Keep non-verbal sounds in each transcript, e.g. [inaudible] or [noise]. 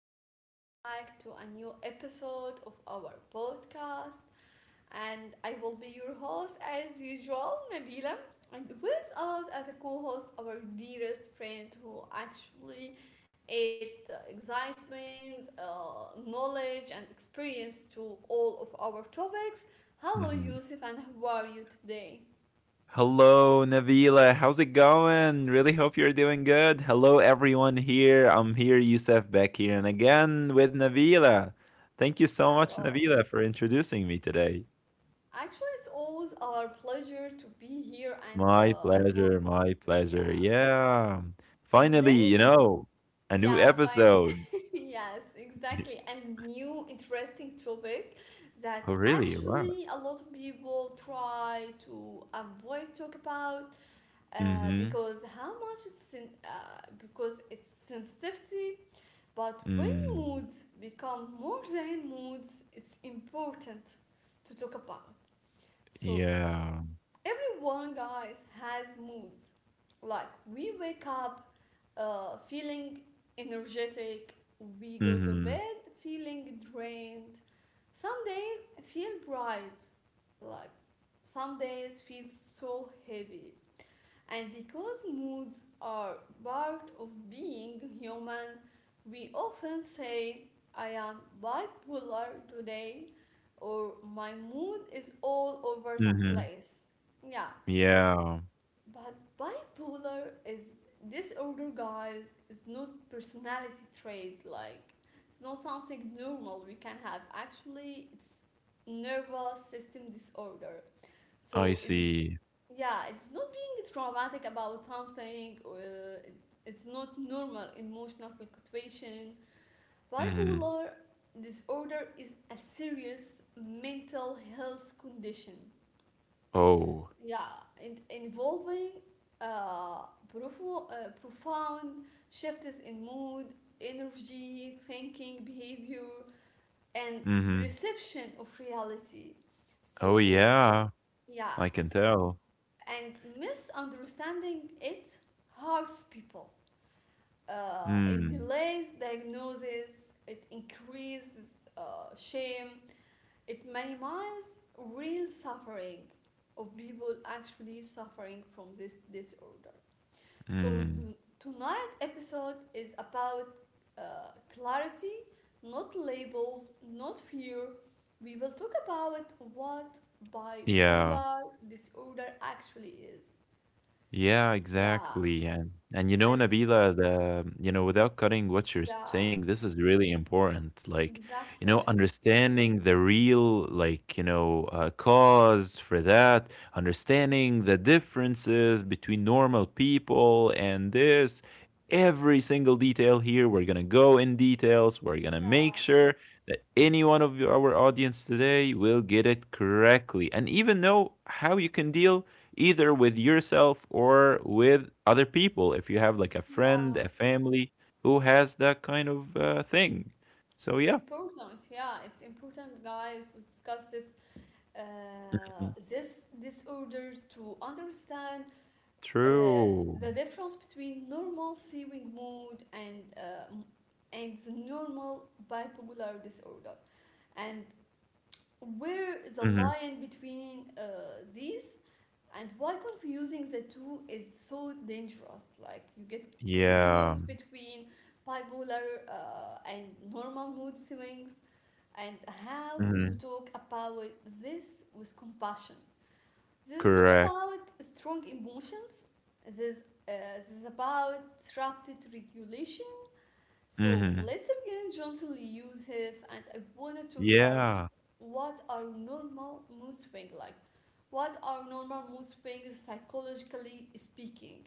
and welcome back to a new episode of our podcast. And I will be your host as usual, Nabila. And with us as a co host, our dearest friend who actually adds excitement, knowledge, and experience to all of our topics. Hello, Mhm. Yusuf, and how are you today? Hello, Nabila. How's it going? Really hope you're doing good. Hello, everyone here. I'm here, Youssef, back here, and again with Nabila. Thank you so much, Hello. Nabila, for introducing me today. Actually, it's always our pleasure to be here and My for pleasure, my pleasure. yeah. Yeah. For Finally, you today? know, a new Yeah, episode. fine. [laughs] Yes, [laughs] exactly. And new interesting topic Oh, that really? Wow. actually a lot of people try to avoid talk about Mm-hmm. because how much it's because it's sensitivity. But when Mm. moods become more than moods, it's important to talk about. So Yeah. everyone, guys, has moods. Like we wake up feeling energetic, we go to Mm-hmm. bed feeling drained, some days feel bright, like some days feel so heavy, and because moods are part of being human, we often say I am bipolar today, or my mood is all over the Mm-hmm. place, yeah. Yeah. But bipolar is disorder, guys, is not personality trait. Like, it's not something normal we can have. Actually, it's nervous system disorder. I So it's see. yeah, it's not being traumatic about something or it's not normal emotional fluctuation. Mm-hmm. Bipolar disorder is a serious mental health condition, Oh. yeah, and involving uh, profound shifts in mood, energy, thinking, behavior, and Mm-hmm. perception of reality. Oh, So, yeah. yeah, I can tell. and misunderstanding it hurts people. It Mm, delays diagnosis, it increases shame, it minimizes real suffering of people actually suffering from this disorder. So mm. tonight episode is about clarity, not labels, not fear. We will talk about what Yeah. bipolar disorder actually is. Eh, Yeah, Yeah, exactly. And and Nabila, the without cutting what you're yeah, saying, this is really important. Like, exactly. understanding the real, cause for that, understanding the differences between normal people and this, every single detail here. We're gonna go in details. We're gonna make Yeah, sure that any one of your- our audience today will get it correctly and even know how you can deal either with yourself or with other people if you have like a yeah. friend, a family who has that kind of thing. It's So, yeah. important. Yeah, it's important, guys, to discuss this uh, Mhm. this disorders to understand uh, True. the difference between normal sewing mood and m- and the normal bipolar disorder, and where is the hmm line between these, and why confusing the two is so dangerous. Like you get Yeah. confused between bipolar and normal mood swings, and how to hmm talk about this with compassion. This is not Correct. about strong emotions. This this is about trapped regulation. So hmm let's begin gently, Yusuf, and I wanna talk about Yeah. what are normal mood swings like. What are normal mood swings psychologically speaking?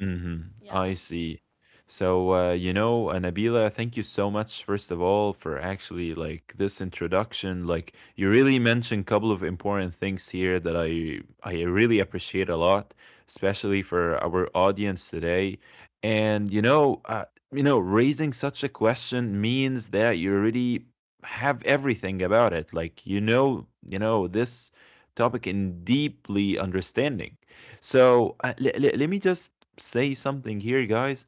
Mhm. I Yeah. see. So, Nabila, thank you so much, first of all, for actually like this introduction. Like you really mentioned a couple of important things here that I really appreciate a lot, especially for our audience today. And raising such a question means that you already have everything about it. Like you know this topic in deeply understanding. So let me just say something here, guys.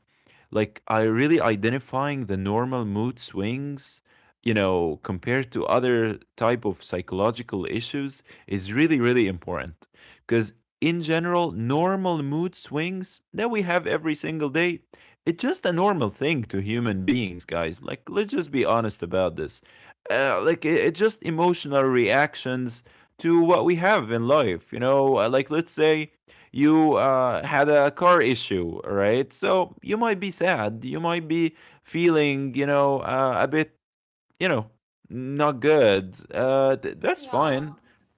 Like, I really identifying the normal mood swings, you know, compared to other type of psychological issues is really, really important. Because in general, normal mood swings that we have every single day, it's just a normal thing to human beings, guys. Like, let's just be honest about this. Like, it's just emotional reactions to what we have in life, you know? Like, let's say you had a car issue, right? So you might be sad. You might be feeling, you know, a bit, you know, not good. That's Yeah. fine.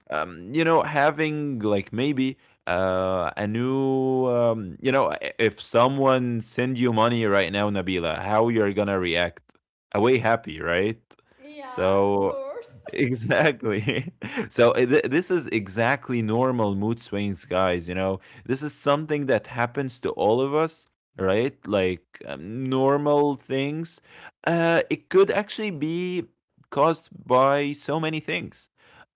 You know, having like maybe a new, if someone send you money right now, Nabila, how you're gonna react? Away happy, right? Yeah, of So course. Exactly. [laughs] So this is exactly normal mood swings, guys. You know, this is something that happens to all of us, right? Like normal things. It could actually be caused by so many things.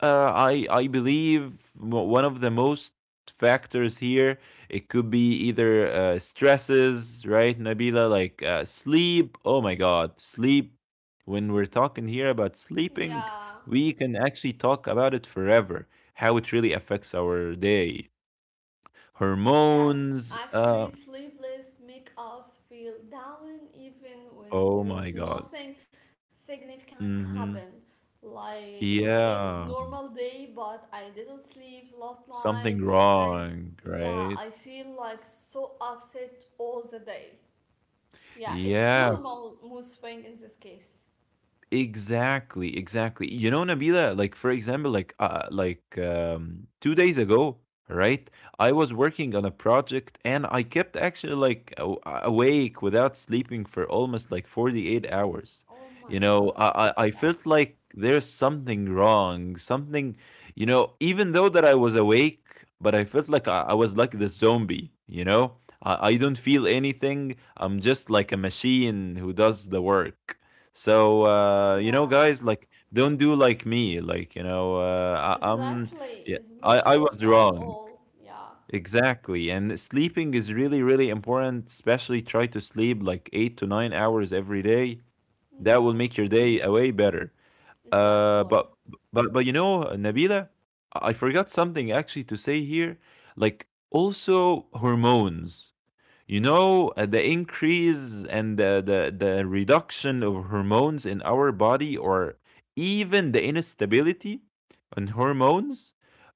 I believe one of the most factors here it could be either stresses, right, Nabila? Like sleep. Oh my God, sleep. When we're talking here about [laughs] sleeping Yeah. we can actually talk about it forever, how it really affects our day. Yes, Hormones, actually, sleepless make us feel down even when oh there my is God. nothing significant hmm happen. Like, okay, it's Yeah, normal day, but I didn't sleep last night, something and wrong, yeah, right? I feel like so upset all the day. Yeah, it's Yeah. normal mood swing in this case. Exactly, exactly. You know, Nabila, like for example, like 2 days ago, right? I was working on a project and I kept actually awake without sleeping for almost like 48 hours. Oh You my know, God. I Yeah, felt like there's something wrong, something, you know, even though that I was awake, but I felt like I was like the zombie, you know? I don't feel anything. I'm just like a machine who does the work. So you know, yeah, guys, like don't do like me. Like you know, I'm exactly. yeah, It's not I healthy was at wrong all. Yeah, exactly. And sleeping is really really important. Especially try to sleep like 8 to 9 hours every day. That will yeah, make your day a way better. Uh, exactly. but but you know, Nabila, I forgot something actually to say here. Like also hormones you know the increase and the reduction of hormones in our body or even the instability on hormones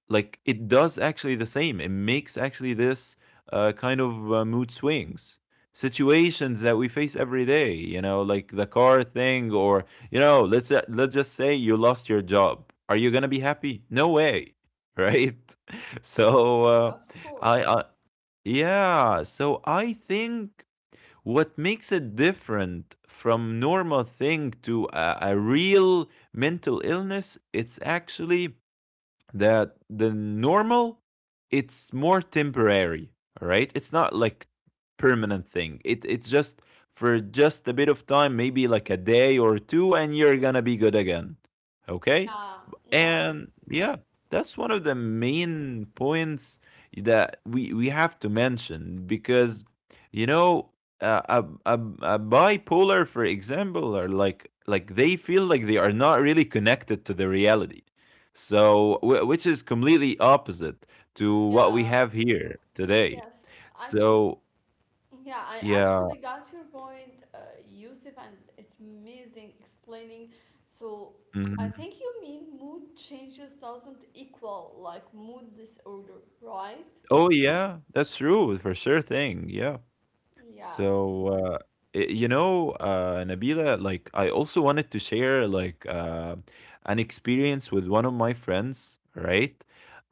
like it does actually the same it makes actually this kind of mood swings situations that we face every day you know like the car thing or you know let's just say you lost your job are you gonna be happy no way right. [laughs] So Yeah, of course. I yeah, so I think what makes it different from normal thing to a real mental illness, it's actually that the normal it's more temporary, all right? It's not like permanent thing. It's just for just a bit of time, maybe like a day or two and you're going to be good again. Okay? Yeah, yes. And yeah, that's one of the main points that we have to mention because you know uh, a, a a bipolar, for example, are like they feel like they are not really connected to the reality. So which is completely opposite to what we Yeah, have here today. yes. Actually, So yeah, I yeah, actually got your point, Yusuf, and it's amazing explaining. So, I mhm. think you mean mood changes doesn't equal like mood disorder, right? Oh yeah, that's true for sure thing. Yeah. Yeah, of So, you know, Nabila, like I also wanted to share an experience with one of my friends, right?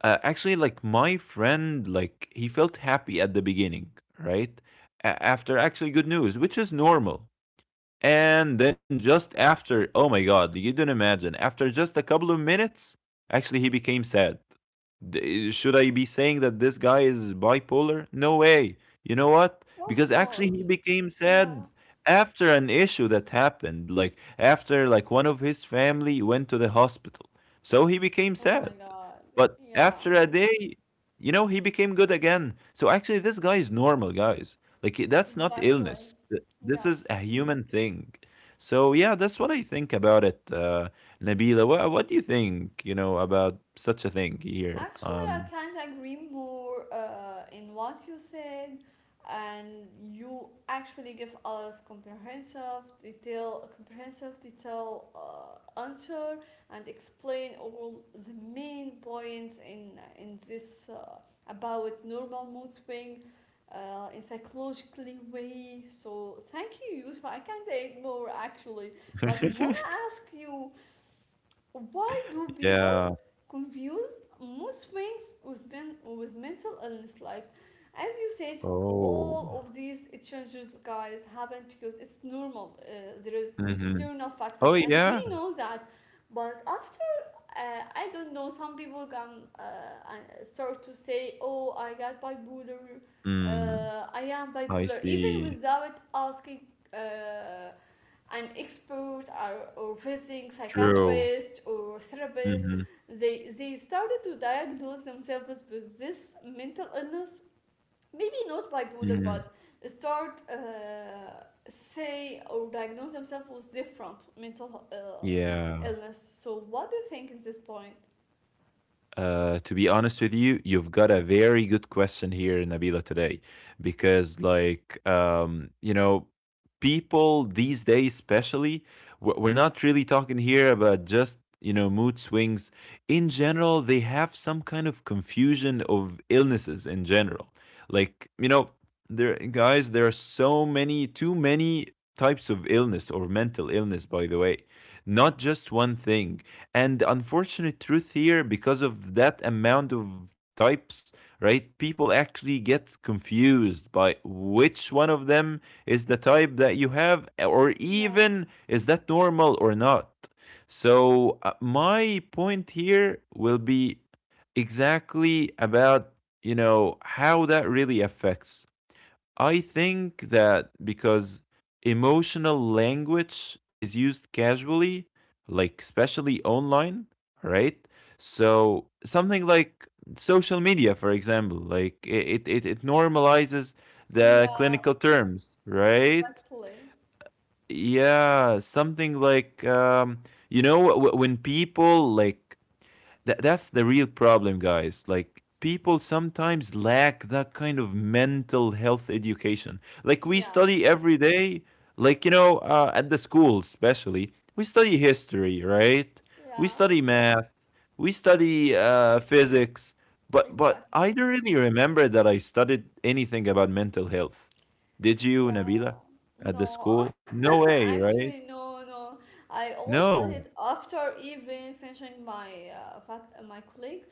Actually, like my friend, like he felt happy at the beginning, right? After actually good news, which is normal, and then just after, oh my god, you don't imagine, after just a couple of minutes, actually he became sad. Should I be saying that this guy is bipolar? No way. You know what? course Because not. actually he became Yeah. sad after an issue that happened, like after like one of his family went to the hospital. So he Oh became my sad. God. But Yeah, after a day, you know, he became good again. So actually this guy is normal, guys. Like that's not exactly. illness. This is a Yes. human thing. So yeah, that's what I think about it, Nabila. What do you think, you know, about such a thing here Actually, I on can't agree more in what you said, and you actually give us comprehensive detail answer, and explain all the main points in this about normal mood swing. In psychologically way, so thank you, Yusuf. I can't add more actually, but wanna [laughs] ask you, why do people Yeah. confuse mood swings with, with mental illness? Like, as you said, Oh. all of these changes, guys, happen because it's normal. There is hmm external factors, Oh and yeah. we know that. But after, I don't know, some people can and start to say, "Oh, I got bipolar. Mm, I am I bipolar," even see. without asking uh, an expert, or visiting True. psychiatrist or therapist, hmm they started to diagnose themselves with this mental illness. Maybe not bipolar, hmm but start say or diagnose themselves with different mental Yeah. illness. So what do you think at this point? To be honest with you, you've got a very good question here, Nabila, today, because like you know, people these days, especially, we're not really talking here about just you know mood swings. In general, they have some kind of confusion of illnesses in general. Like you know, there are so many, too many types of illness or mental illness. By the way, not just one thing and the unfortunate truth here, because of that amount of types, right, people actually get confused by which one of them is the type that you have, or Yeah, even is that normal or not. So, my point here will be exactly about you know how that really affects I think that because emotional language is used casually, like especially online, right? So something like social media, for example, it normalizes the yeah, clinical terms, right? exactly. Yeah, something like you know when people like that's the real problem, guys. Like, people sometimes lack that kind of mental health education. Like, we Yeah, study every day, like, you know, at the school, especially, we study history, right? We study yeah, math, we study physics. But I exactly. don't really remember that I studied anything about mental health. Did you, Yeah, Nabila, at the school? no, No [laughs] way, right? actually, no, no. I always No. started after even finishing my my colleague.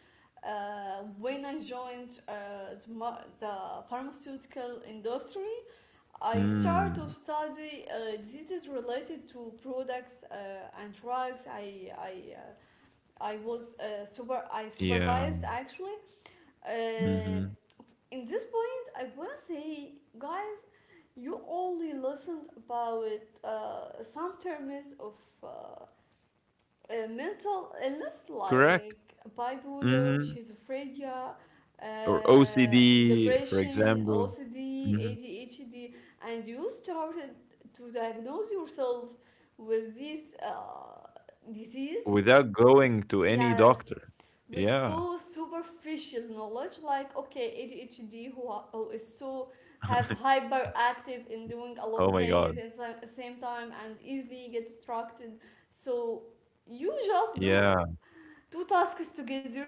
When I joined the pharmaceutical industry, I started to Mm, study diseases related to products and drugs. I was super I yeah. supervised actually uh, Mm-hmm. in this point, I wanna say, guys, you only listened about some terms of uh, uh, mental illness Correct. like bipolar, Mhm. schizophrenia, Or uh, OCD, for depression, example. OCD, Mhm. ADHD, and you started to diagnose yourself with this disease. Without going to any Yes, doctor. with Yeah. so superficial knowledge like, okay, ADHD who is so have [laughs] hyperactive in doing a lot Oh of my things god. at the same time and easily get distracted, so you just do Yeah. two tasks together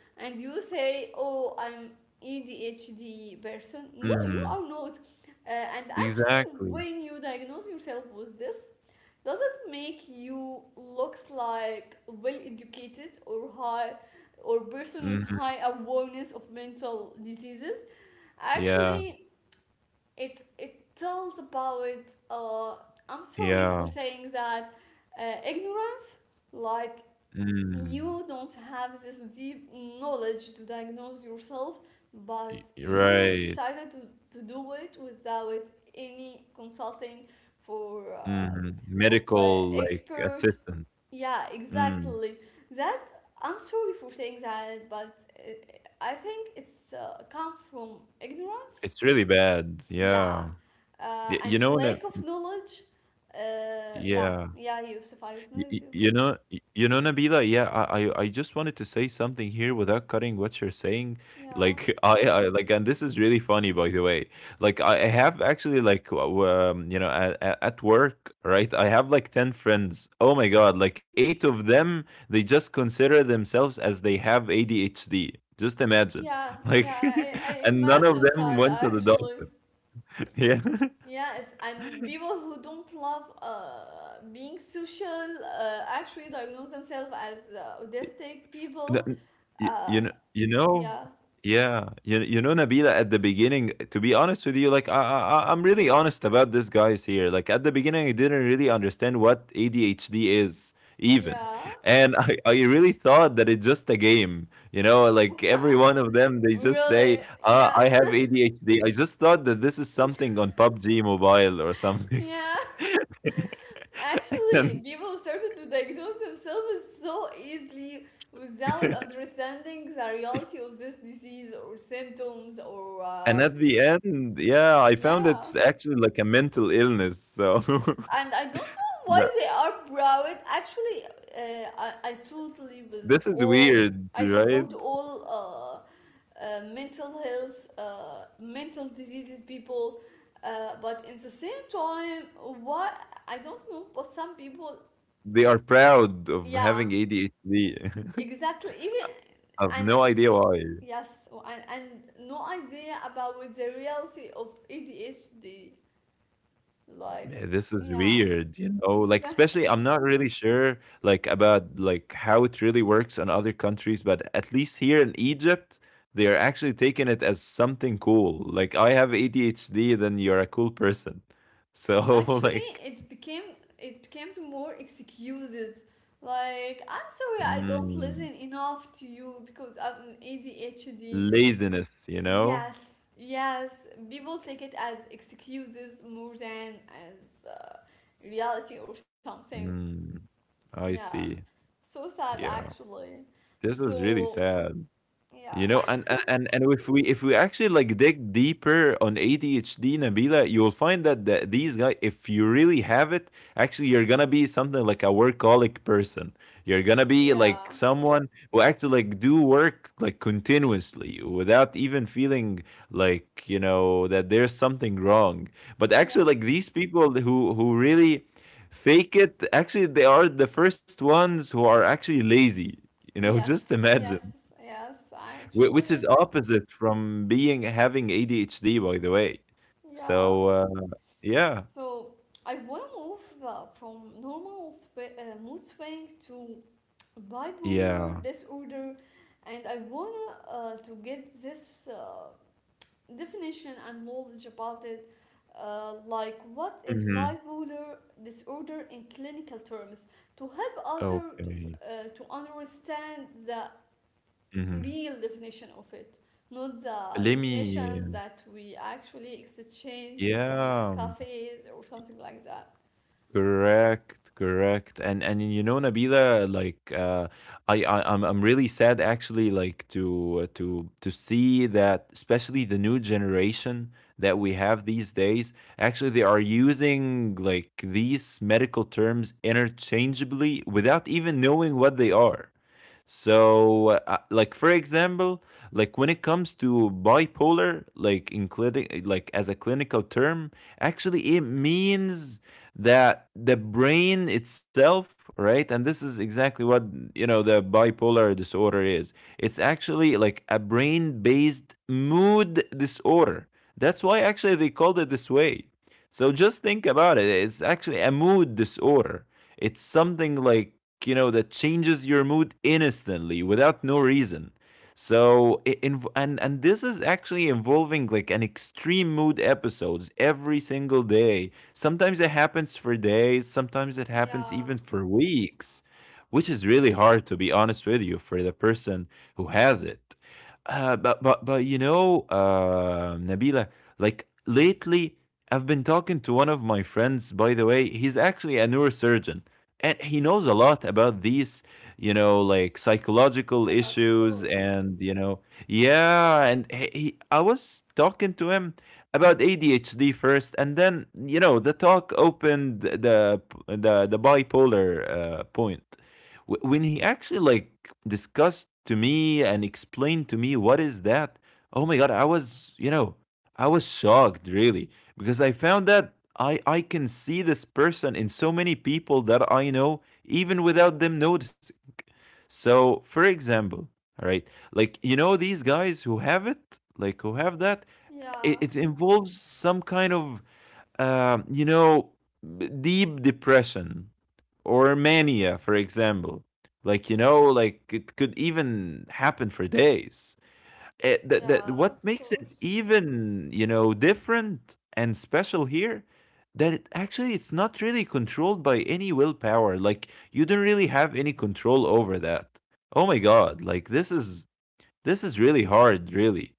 and you say, oh, I'm ADHD person. No, you Mhm. are not. And actually, Exactly. when you diagnose yourself with this, does it make you looks like well educated or high or person with Mhm. high awareness of mental diseases? Yeah. Actually, it tells about uh, I'm sorry for Yeah. saying that, ignorance. Like, Mm. you don't have this deep knowledge to diagnose yourself, Y but you right. decided to do it without any consulting for Mhm. of Medical, like, expert. assistant. Yeah, Mm. exactly. That, I'm sorry for saying that, but I think it's come from ignorance. It's really bad. Yeah, Yeah. Y and you know, when I lack of knowledge. Yeah, yeah. yeah, Yusuf, I agree with you. You know, you know, Nabila. Yeah, I just wanted to say something here without cutting what you're saying. Yeah. Like, [laughs] like, and this is really funny, by the way. Like, I have actually, you know, at work, right? I have like 10 friends. Oh my god, like 8 of them, they just consider themselves as they have ADHD. Just imagine, Yeah, yeah, like, I [laughs] and none of imagine them sad went to the actually. doctor. [laughs] Yeah. Yes, and people who don't love being social actually diagnose themselves as autistic N people. n y Uh, you know yeah, yeah, you know, Nabila, at the beginning, to be honest with you, like, I'm really honest about this, guys, here. Like, at the beginning, I didn't really understand what ADHD is, even. yeah, And [laughs] I really thought that it's just a game, you know? Like, every one of them, they just really, say, "Ah, yeah, I have ADHD." I just thought that this is something on PUBG Mobile or [laughs] something. yeah. Actually, [laughs] people started to diagnose themselves so easily without And understanding the reality of this disease or symptoms or And at the end, yeah, I found yeah. it's actually like a mental illness. So And I don't know [laughs] why that they are proud. Actually, I totally was this is all weird, I right? support all mental health, mental diseases people, but in the same time, why I don't know, but some people, They are proud of yeah, having ADHD. [laughs] exactly. Even, I have and no idea why. yes, and no idea about the reality of ADHD, like Man, this is yeah, weird, you [laughs] know. Like especially, exactly. I'm not really sure like about like how it really works in other countries, but at least here in Egypt, they are actually taking it as something cool. Like I have ADHD, then you're a cool person. So [laughs] Actually, like. it became, it becomes more excuses. Like, I'm sorry I don't mm, listen enough to you because I'm ADHD. Laziness, you know? Yes, yes. People take it as excuses more than as reality or something. Mm, I Yeah. see. So sad, Yeah. actually. This is really So, sad. yeah. You [laughs] know, and if we actually like dig deeper on ADHD, Nabila, you will find that these guys, if you really have it, actually you're gonna be something like a workaholic person. You're gonna be Yeah. like someone who actually like do work like continuously without even feeling like you know that there's something wrong. But actually, like Yes. these people who really fake it, actually they are the first ones who are actually lazy. You know, [laughs] just Yes. imagine. Yes. Yes. Which Actually, is opposite from being having ADHD, by the way. yeah. So yeah, So I want to move from mood swing to yeah. bipolar disorder, and I want to get this definition and knowledge about it. Like, what is hmm bipolar disorder in clinical terms to help us okay. To understand the Hmm. real definition of it, not the Let definitions me. that we actually exchange on Yeah. cafes or something like that. Correct, correct. And you know, Nabila, like I'm really sad actually like to to see that especially the new generation that we have these days, actually they are using like these medical terms interchangeably without even knowing what they are. So, like for example, like when it comes to bipolar, like including like as a clinical term, actually it means that the brain itself, right? And this is exactly what you know the bipolar disorder is. It's actually like a brain-based mood disorder. That's why actually they called it this way. So just think about it. It's actually a mood disorder. It's something like, you know, that changes your mood instantly without no reason. So it inv- and this is actually involving like an extreme mood episodes every single day. Sometimes it happens for days, sometimes it happens Yeah, even for weeks, which is really hard to be honest with you for the person who has it. But you know, Nabila, like lately, I've been talking to one of my friends. By the way, he's actually a neurosurgeon, and he knows a lot about these, you know, like psychological of issues, course. and you know, yeah. And he I was talking to him about ADHD first, and then you know, the talk opened the bipolar point. When he actually like discussed to me and explained to me what is that, oh my god, I was, you know, I was shocked really because I found that I can see this person in so many people that I know even without them noticing. So, for example, all right, like you know these guys who have it, like who have that, Yeah, it involves some kind of you know, deep depression or mania, for example. Like, you know, like it could even happen for days. Yeah, What of makes it course. even, you know, different and special here, that actually it's not really controlled by any willpower. Like, you don't really have any control over that. Oh my God, like this is really hard, really.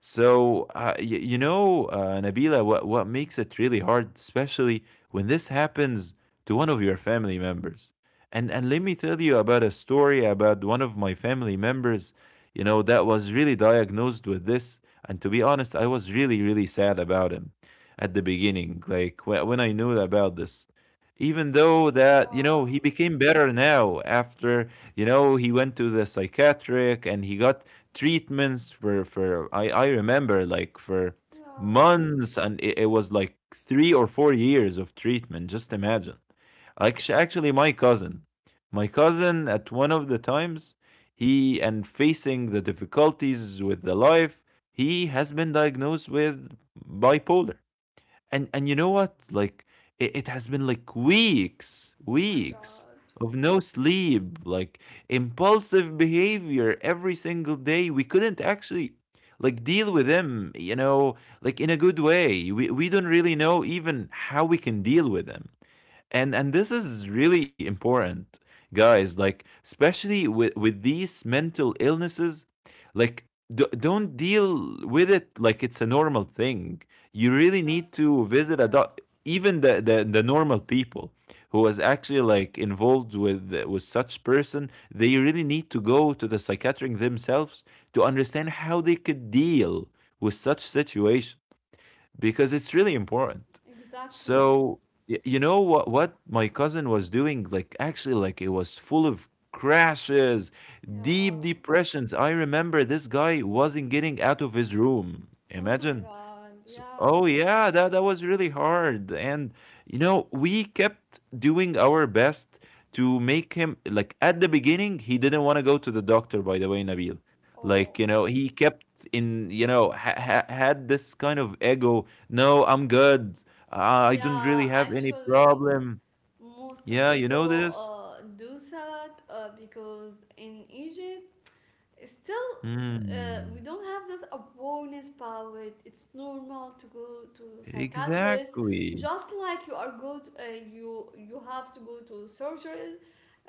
So, you know, Nabila, what makes it really hard, especially when this happens to one of your family members. And let me tell you about a story about one of my family members, you know, that was really diagnosed with this. And to be honest, I was really, really sad about him at the beginning, like when I knew about this. Even though that, you know, he Yeah, became better now after, you know, he went to the psychiatric and he got treatments for I remember like for yeah. months and it was like 3 or 4 years of treatment. Just imagine. Actually my cousin, my cousin, at one of the times he and facing the difficulties with the life, he has been diagnosed with bipolar. And you know what? Like it has been like Oh my weeks God. of no sleep, like impulsive behavior every single day. We couldn't actually like deal with them, you know, like in a good way. We don't really know even how we can deal with them. And this is really important, guys, like especially with these mental illnesses, like don't deal with it like it's a normal thing. You really need Yes, to visit a doc. yes. Even the normal people who was actually like involved with such person, they really need to go to the psychiatric themselves to understand how they could deal with such situation, because it's really important. Exactly. So you know what my cousin was doing, like actually like it was full of crashes, Yeah. deep depressions. I remember this guy wasn't getting out of his room. Oh my Imagine. God. So, Yeah. oh yeah, that that was really hard, and you know we kept doing our best to make him, like at the beginning he didn't want to go to the doctor. By the way, Nabil, like Oh. you know he kept in you know had this kind of ego. No, I'm good. Uh, I don't Yeah, really have any actually, problem. most of Yeah, you know people this. Do that because in Egypt, still we Hmm. don't have this awareness power. It's normal to go to psychiatrist, Exactly. just like you are go to, you you have to go to surgery,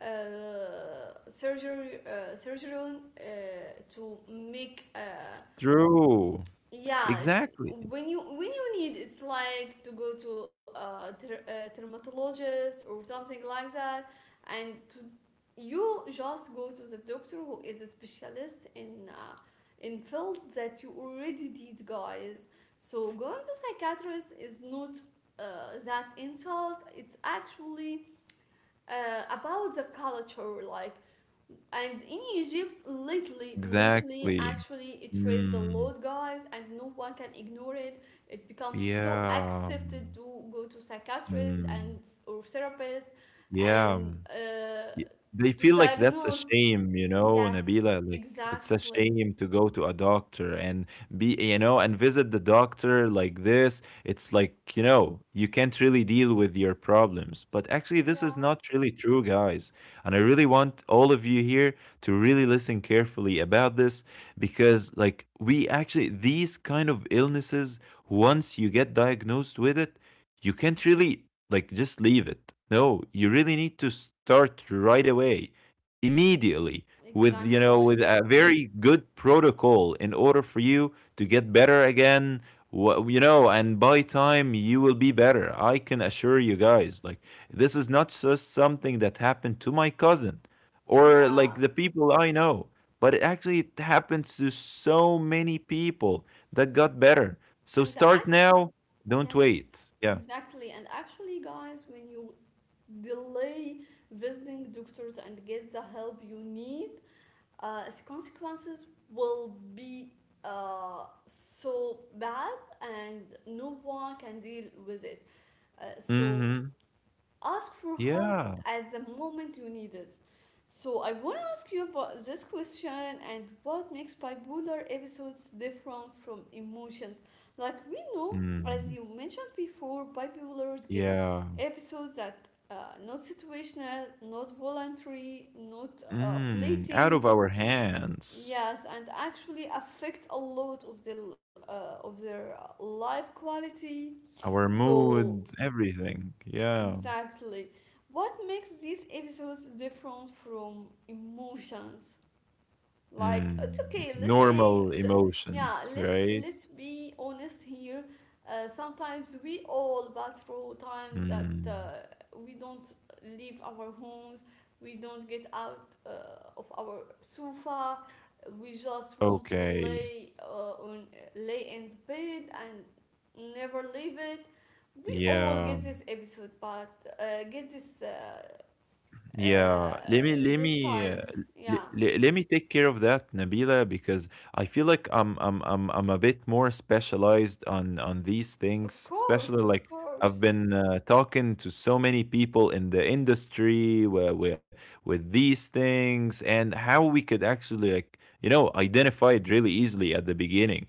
uh, surgeon to make True. yeah it's, Exactly. When you need it's like to go to a, a dermatologist or something like that, and to you just go to the doctor who is a specialist in field that you already did, guys. So going to psychiatrist is not that insult, it's actually about the culture, like, and in Egypt, lately, lately, Exactly. actually, it raised a Hmm. lot, guys, and no one can ignore it. It becomes so Yeah. accepted to go to psychiatrist and Mm. or therapist, Yeah. and Y, they to feel like that's a diagnose. shame, you know, Yes, Nabila, like, it's a exactly. shame to go to a doctor and be you know, and visit the doctor like this. It's like, you know, you can't really deal with your problems. But actually, this is Yeah, not really true, guys. And I really want all of you here to really listen carefully about this because, like, we actually, these kind of illnesses, once you get diagnosed with it, you can't really like just leave it. No, you really need to start right away, immediately with you know with exactly. a very good protocol in order for you to get better again. You know, and by time you will be better. I can assure you, guys, like this is not just something that happened to my cousin or like Yeah, the people I know, but it actually it happens to so many people that got better. So and the start act. now, don't Yes, wait. Yeah. exactly. And actually, guys, when you delay visiting doctors and get the help you need, its consequences will be so bad, and no one can deal with it. So Mhm. ask for help Yeah. at the moment you need it. So I want to ask you about this question, and what makes bipolar episodes different from emotions? Like we know, as Mm. you mentioned before, bipolars get Yeah. episodes that not situational, not voluntary, not Mm. Out fleeting, of our hands, yes, and actually affect a lot of their life quality. our So mood, everything. Yeah. exactly, what makes these episodes different from emotions? Like it's Mm. okay, let's say Normal yeah, emotions, right? let's be honest here. Sometimes we all pass through times that Mm. We don't leave our homes, we don't get out of our sofa, we just want to Okay. lay on lay in the bed and never leave it. We all Yeah. get this episode, but get this Yeah, let me let these me times, let, yeah. let, Let me take care of that, Nabila, because I feel like I'm a bit more specialized on these Of things, especially course, of like I've course. been talking to so many people in the industry where with these things and how we could actually like you know identify it really easily at the beginning.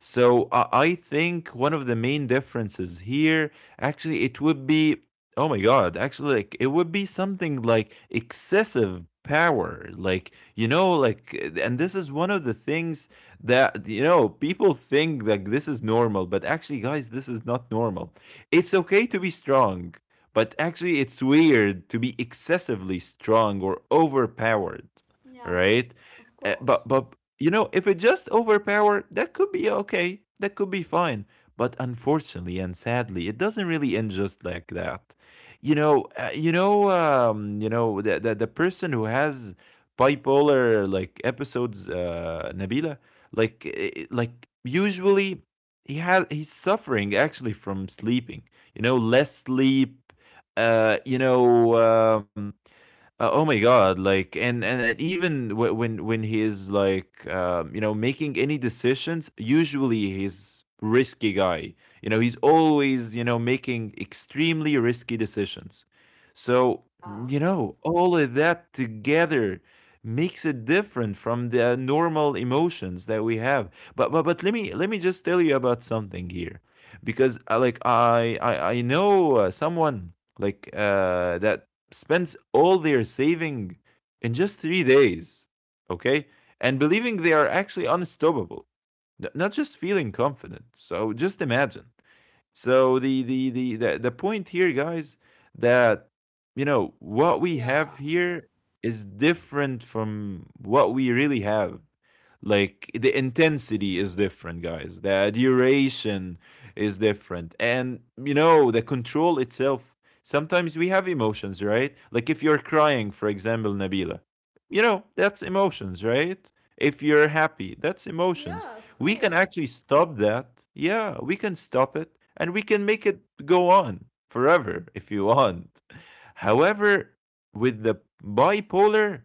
So I think one of the main differences here actually it would be oh my god, actually like it would be something like excessive power. Like, you know, like and this is one of the things that you know, people think like this is normal, but actually guys, this is not normal. It's okay to be strong, but actually it's weird to be excessively strong or overpowered, Yes, right? of Uh, course. but but you know, if it just overpowered, that could be okay. That could be fine. But unfortunately and sadly, it doesn't really end just like that. You know the person who has bipolar like episodes, Nabila, like usually he's suffering actually from sleeping. You know, less sleep. Uh, you know, um, oh my god! Like and even when he is like you know making any decisions, usually he's risky guy. You know he's always you know making extremely risky decisions. So Yeah, you know all of that together makes it different from the normal emotions that we have. But let me just tell you about something here, because like I know someone that spends all their saving in just 3 days, okay? And believing they are actually unstoppable, not just feeling confident. So just imagine. So the point here, guys, that you know what we have yeah, here is different from what we really have, like the intensity is different, guys. The duration is different. And you know, the control itself. Sometimes we have emotions, right? Like if you're crying, for example, Nabila, you know, that's emotions, right? If you're happy, that's emotions. yeah, of We can course. actually stop that. Yeah, we can stop it and we can make it go on forever [laughs] if you want. However, with the bipolar,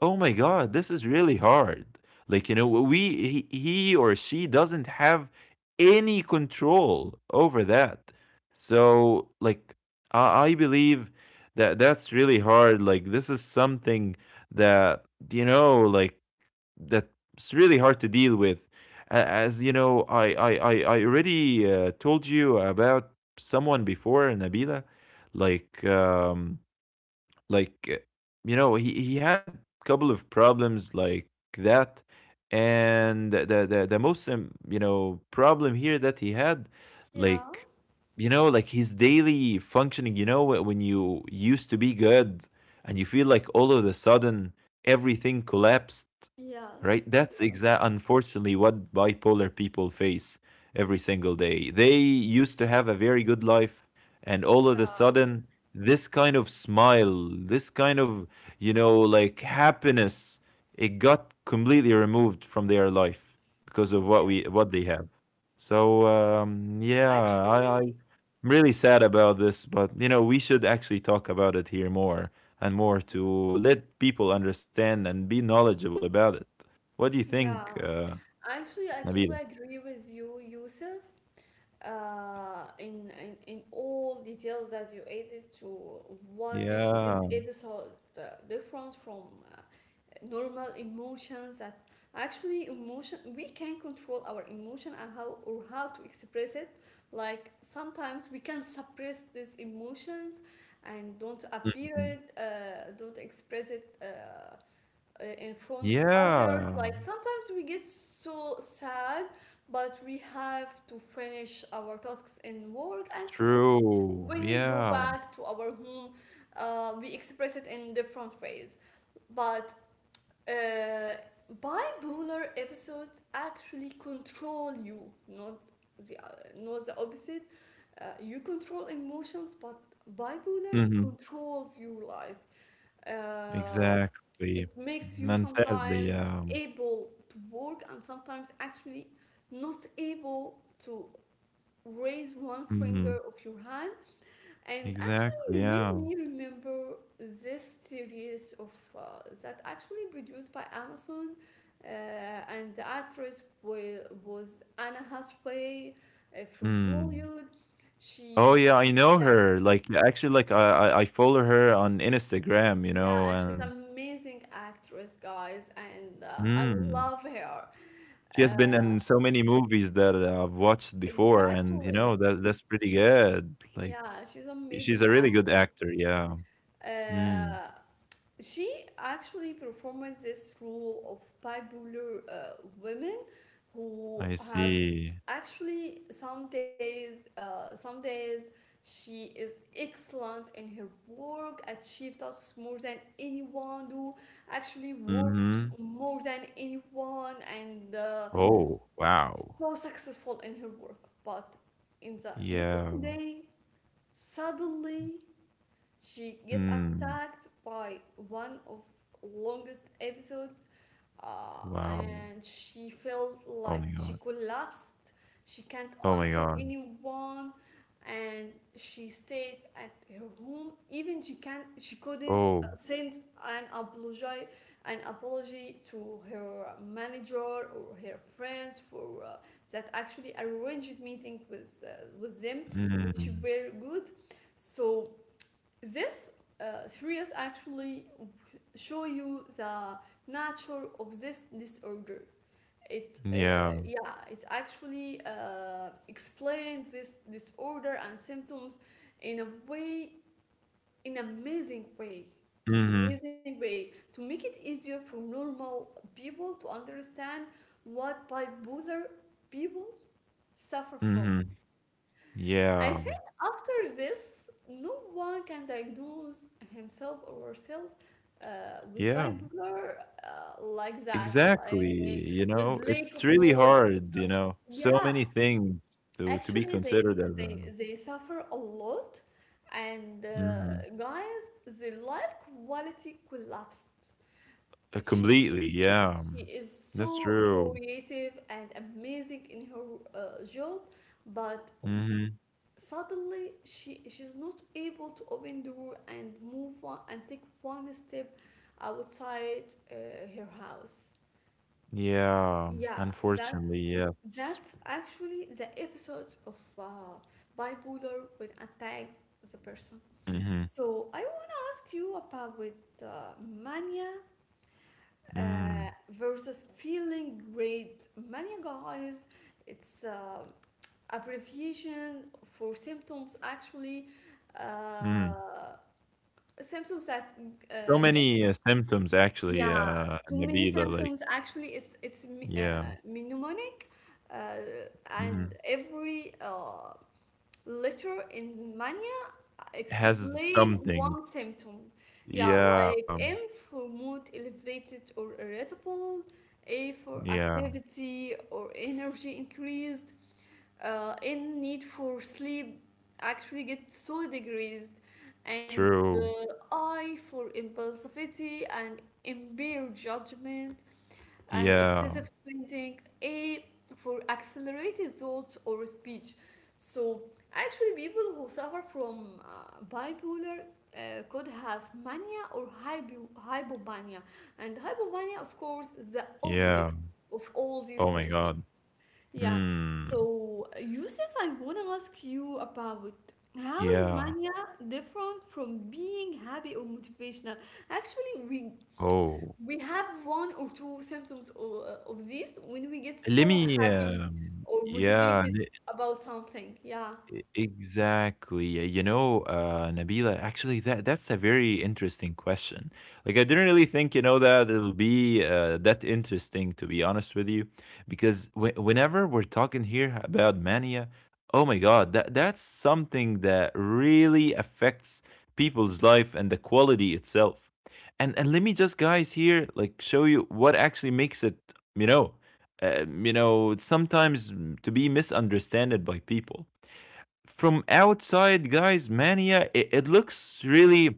oh my God, this is really hard. Like, you know, we he or she doesn't have any control over that. So, like, I believe that that's really hard. Like, this is something that, you know, like, that's really hard to deal with. As you know, I already told you about someone before, Nabila. Like, like eh, you know he had a couple of problems like that, and the most problem here that he had, Yeah, like, you know, like his daily functioning, you know, when you used to be good and you feel like all of a sudden everything collapsed. Right, yes, that's exact unfortunately what bipolar people face every single day. They used to have a very good life, and all of a yeah, sudden this kind of smile, this kind of, you know, like happiness, it got completely removed from their life because of yes. What they have. So yeah, Actually, I'm really sad about this, but you know, we should actually talk about it here more and more to let people understand and be knowledgeable about it. What do you yeah, think, actually, I totally Nabila? agree with you, Yusuf. In all details that you added to what makes this Yeah. episode uh, different from normal emotions that actually emotion we can control our emotion and how or how to express it like sometimes we can suppress these emotions and don't appear Mhm. it don't express it in front of others Yeah. like sometimes we get so sad but we have to finish our tasks in work and True. when we go Yeah. back to our home we express it in different ways but uh, bipolar episodes actually control you, not the not the opposite. You control emotions, but bipolar Hmm. controls your life. Uh, Exactly. it makes And you sadly, sometimes able to work and sometimes actually not able to raise one Mhm. finger of your hand. And Exactly, actually, you made yeah. me remember this series of uh, that actually produced by Amazon, and the actress was Anna Hathaway from Mm. Hollywood. Oh, She, yeah, I know yeah, her. Like, actually, like, I follow her on Instagram, you know, yeah, she's and amazing actress, guys, and I Mm. love her. She has been Uh, in so many movies that I've watched before, and, you know, exactly, that's pretty good. Like, yeah, she's she's amazing a really good actress. actor, yeah. Mm. Uh, She actually performed this role of bipolar women who I have see. actually some days, some days she is excellent in her work, achieve tasks more than anyone do, actually works Mhm. more than anyone, and Oh, wow. so successful in her work. But in the Yeah. next day, suddenly she gets Mm. attacked by one of longest episodes, Wow. and she felt Oh my like she god. collapsed. She can't Oh my answer god. anyone, and she stayed at her home. Even she couldn't Oh, send an apology an apology to her manager or her friends for that actually arranged meeting with them, which mm, were good. So this series actually show you the nature of this disorder. It yeah. yeah, it actually explains this disorder and symptoms in a way, in an amazing way, Mhm, to make it easier for normal people to understand what bipolar people suffer from. mhm. I Yeah, think after this, no one can diagnose himself or herself with yeah, bipolar like that, exactly, like you with know? lack It's of really knowledge. hard, you know? So Yeah, many things to be actually, they considered as they a they suffer a lot, and Mhm. guys, their life quality collapsed. She she. Completely, She, yeah. she is That's so true. creative and amazing in her job, but Mhm. suddenly she's not able to open the door and move on and take one step outside her house. Yeah, Yeah, that unfortunately, yes. that's actually the episode of bipolar when attacked the person. Mhm, So I will ask you about with mania uh, mhm, versus feeling great. Mania, guys, it's abbreviation for symptoms actually mm. uh, symptoms that So get many, symptoms actually, yeah, too many Nabila, like symptoms actually. It's yeah, mnemonic, uh, and mhm. every letter in mania Has explain something. one symptom. Yeah, like Yeah. M for mood elevated or irritable, A for Yeah, activity or energy increased, in need for sleep actually get so degraded, and the true. eye for impulsivity and impaired judgment and Yeah, excessive spending, A for accelerated thoughts or speech. So actually people who suffer from bipolar could have mania or hypomania, and hypomania of course is the yeah. opposite of all these Oh my God. symptoms. Yeah. Hmm. So, Yusuf, I want to ask you about how is Yeah. mania different from being happy or motivational? Actually, we Oh, we have one or two symptoms of, this when we get let so me, happy or yeah. motivated about something. Yeah. Exactly, yeah. You know, Nabila, actually, that's a very interesting question. Like, I didn't really think, you know, that it'll be that interesting, to be honest with you, because whenever we're talking here about mania, oh my God, that's something that really affects people's life and the quality itself. And let me just, guys, here, like, show you what actually makes it, you know, to be misunderstood by people from outside. Guys, mania, it looks really,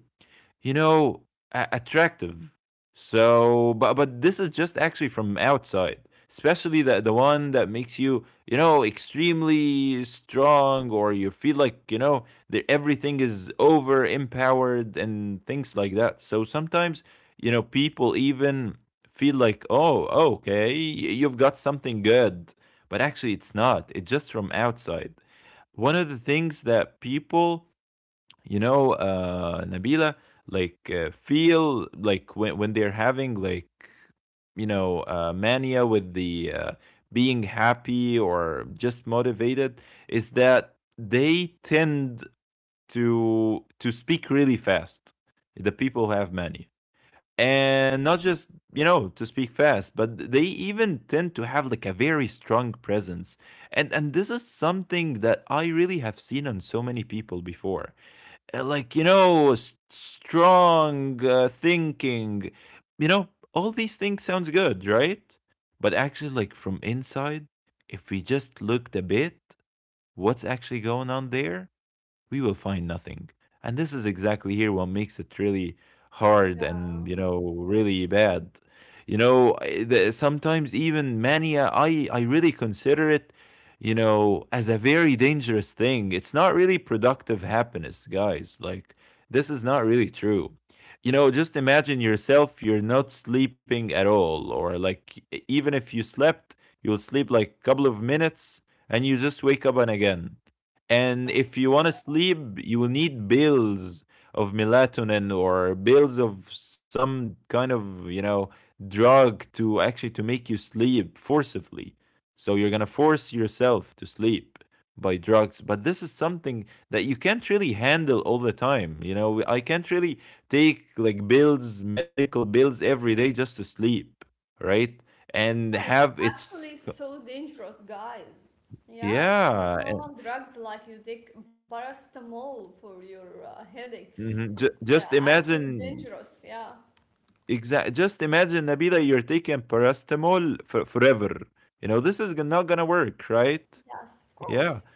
you know, attractive. So, but this is just actually from outside, especially the one that makes you, you know, extremely strong, or you feel like you know that everything is over empowered and things like that. So sometimes, you know, people even feel like, oh, okay, you've got something good, but actually it's not. It's just from outside. One of the things that people, you know, Nabila, like, feel like when, they're having, like, you know, mania with the being happy or just motivated, is that they tend to speak really fast, the people who have mania, and not just, you know, to speak fast, but they even tend to have like a very strong presence. And this is something that I really have seen on so many people before, like, you know, strong thinking. You know, all these things sounds good, right? But actually, like from inside, if we just looked a bit what's actually going on there, we will find nothing. And this is exactly here what makes it really hard and, you know, really bad. You know, sometimes even mania, I really consider it, you know, as a very dangerous thing. It's not really productive happiness, guys. Like, this is not really true. You know, just imagine yourself, you're not sleeping at all, or like even if you slept, you'll sleep like a couple of minutes and you just wake up and again, and if you Yes. want to sleep, you will need bills of melatonin or bills of some kind of, you know, drug to actually to make you sleep forcibly. So you're going to force yourself to sleep by drugs, but this is something that you can't really handle all the time. You know, I can't really take like bills, medical bills every day just to sleep, right? And have Yeah, it's its actually so dangerous, guys. Yeah, it's yeah, not normal drugs like you take paracetamol for your headache. mhm, It's just actually imagine dangerous. Yeah. Exactly. Just imagine, Nabila, you're taking paracetamol for forever. You know, this is not gonna work, right? Yes, of Yeah. course.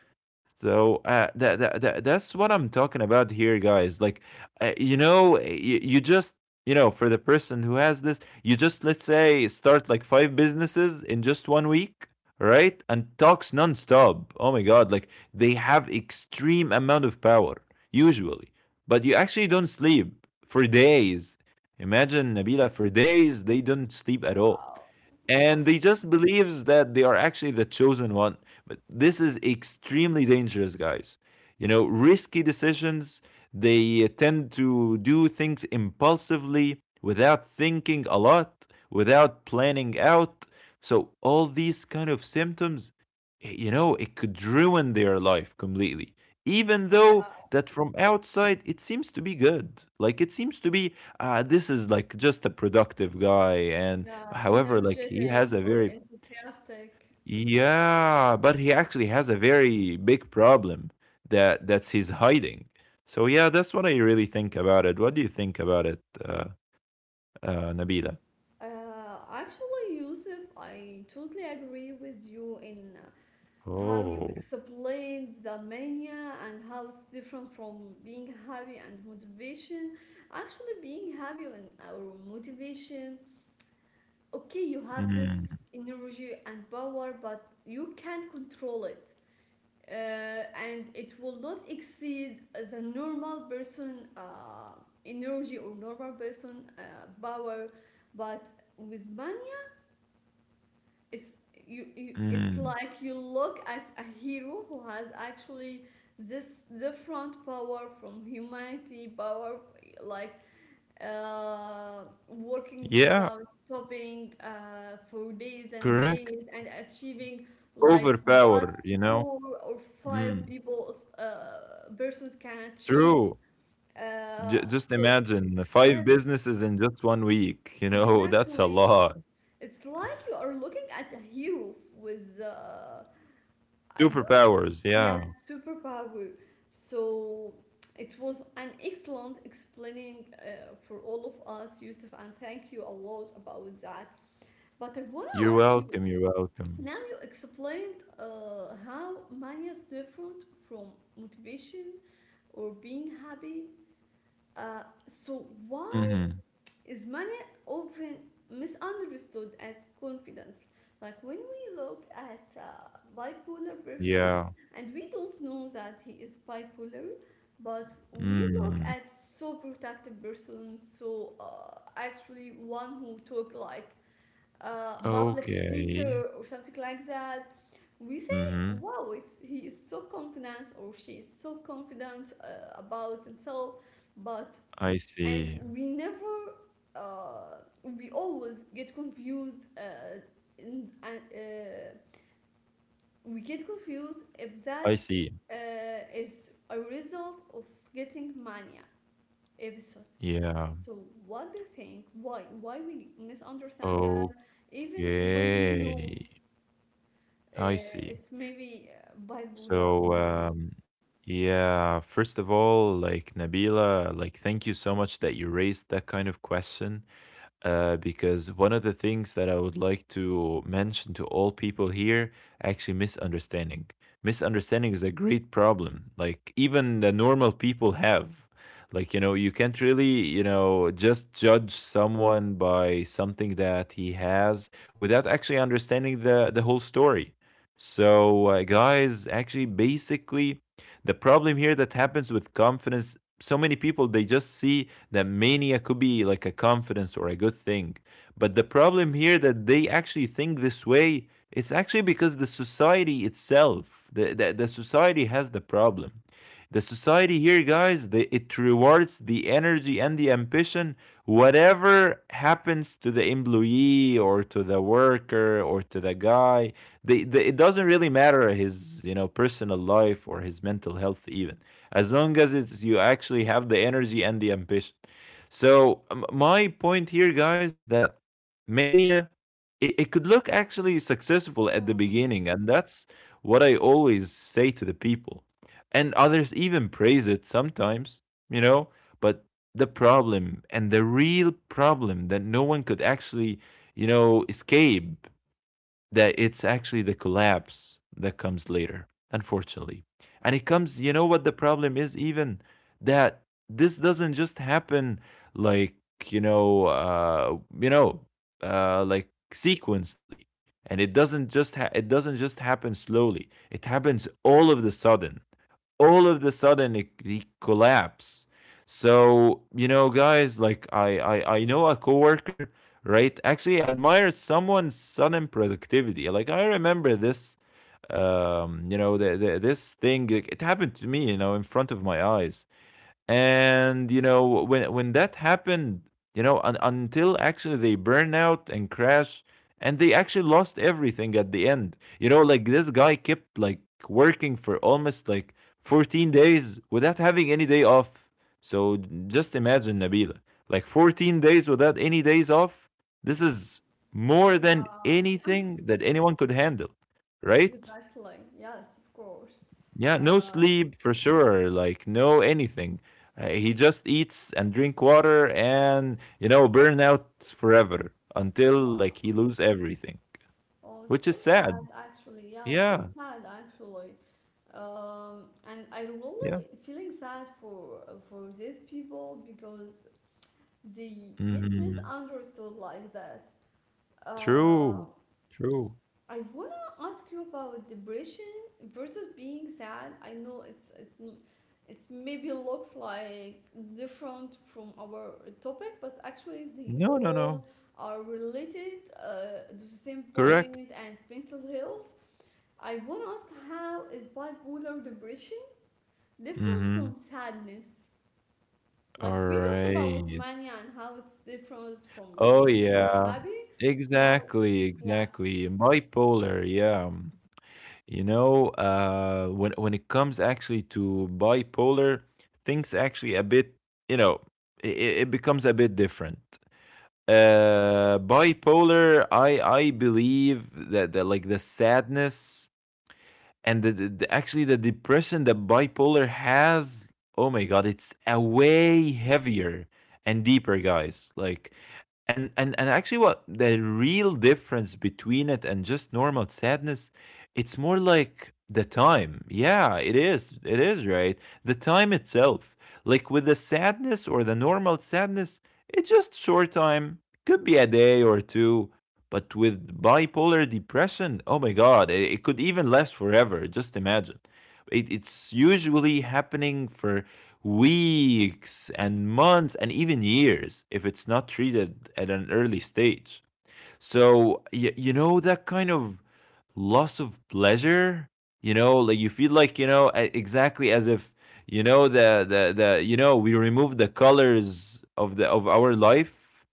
So that's what I'm talking about here, guys. Like, you know, you just, you know, for the person who has this, you just let's say start like five businesses in just 1 week, right? And talks nonstop. Oh my God! Like they have extreme amount of power usually, but you actually don't sleep for days. Imagine, Nabila, for days they don't sleep at all, Wow. Wow. and they just believes that they are actually the chosen one. But this is extremely dangerous, guys. You know, risky decisions, they tend to do things impulsively without thinking a lot, without planning out. So all these kind of symptoms, you know, it could ruin their life completely, even though Yeah, that from outside it seems to be good, like it seems to be, this is like just a productive guy. And yeah, however, like he energetic has a or very enthusiastic. yeah, but he actually has a very big problem, that's his hiding. So yeah, that's what I really think about it. What do you think about it, Nabila? Actually, Yusuf, I totally agree with you in how you Oh. explained the mania and how it's different from being happy and motivation. Actually, being happy and our motivation, okay, you have this mm, energy and power, but you can't control it. Uh, and it will not exceed the normal person energy or normal person power. But with money it's you it's mm. like you look at a hero who has actually this different power from humanity power, like working Yeah, without stopping for days and correct. days and achieving, like what, Overpower, you know. four or Mm, five people persons can achieve, true. uh, Just so imagine five yes, businesses in just 1 week. You know, [laughs] that's a exactly, lot. it's like you are looking at a hero with I don't... Superpowers. Yeah. Yes, superpower. So it was an excellent explaining for all of us, Yusuf, and thank you a lot about that. But I want to You're ask you, welcome. You're welcome. now you explained how money is different from motivation or being happy. So why Hmm. is money often misunderstood as confidence? Like when we look at a bipolar person Yeah. and we don't know that he is bipolar, but we look Mm. at so protective person, so actually one who talk like a public Okay. speaker or something like that. We say, Hmm. wow, it's, he is so confident or she is so confident about themselves, but I and see. we never we always get confused and we get confused if I that see. uh, is a result of getting mania episode. Yeah. So what do you think, why we misunderstand that even when we Okay. know I see. it's maybe bipolar So, or mania? Yeah, first of all, like, Nabila, like, thank you so much that you raised that kind of question. Uh, because one of the things that I would like to mention to all people here, actually, misunderstanding. Misunderstanding is a great problem. Like, even the normal people have. Like, you know, you can't really, you know, just judge someone by something that he has without actually understanding the whole story. So guys, actually, basically, the problem here that happens with confidence. So many people they just see that mania could be like a confidence or a good thing. But the problem here that they actually think this way, it's actually because the society itself, the society has the problem. The society here, guys, the it rewards the energy and the ambition, whatever happens to the employee or to the worker or to the guy. The It doesn't really matter his, you know, personal life or his mental health even, as long as it's you actually have the energy and the ambition. So my point here, guys, that mania, it could look actually successful at Yeah. the beginning, and that's what I always say to the people. And others even praise it sometimes, you know. But the problem and the real problem that no one could actually, you know, escape, that it's actually the collapse that comes later, unfortunately. And it comes, you know what the problem is, even that this doesn't just happen, like, you know, like sequentially. And it doesn't just happen slowly. It happens all of the sudden. All of the sudden it collapse. So you know, guys, like, I know a coworker, right, actually admires someone's sudden productivity. Like, I remember this, you know, this thing, like, it happened to me, you know, in front of my eyes. And you know when that happened, you know, until actually they burn out and crash, and they actually lost everything at the end. You know, like, this guy kept like working for almost like 14 days without having any day off. So just imagine, Nabila, like 14 days without any days off. This is more than Yeah, anything that anyone could handle, right? exactly. Yes, of course. Yeah, no uh, sleep for sure, like no anything. He just eats and drink water, and you know, burn out forever until well, like he lose everything, oh, which it's is so sad. sad actually. Yeah, so Yeah, sad actually. And I yeah. really feeling sad for these people because they get Hmm. misunderstood like that. Uh, True, true. I wanna ask you about depression versus being sad. I know it's maybe looks like different from our topic, but actually they No, no, no. all are related to the same Correct. point and mental health. I want to ask how is bipolar depression different Mm-hmm. from sadness? Like All we talked about with right. mania and how it's different from Oh motivation or yeah. hobby. Now, Exactly, yes, exactly. Bipolar. Yeah. You know, when it comes actually to bipolar, things actually a bit, you know, it becomes a bit different. Bipolar, I believe that, like the sadness and actually the depression that bipolar has, oh my god, it's a way heavier and deeper, guys, like. And actually what the real difference between it and just normal sadness, it's more like the time. Yeah, it is, it is, right, the time itself. Like with the sadness or the normal sadness, it's just short time, could be a day or two. But with bipolar depression, oh my God, it could even last forever. Just imagine. It's usually happening for weeks and months and even years if it's not treated at an early stage. So, you know, that kind of loss of pleasure, you know, like you feel like, you know, exactly as if, you know, you know, we remove the colors of of our life.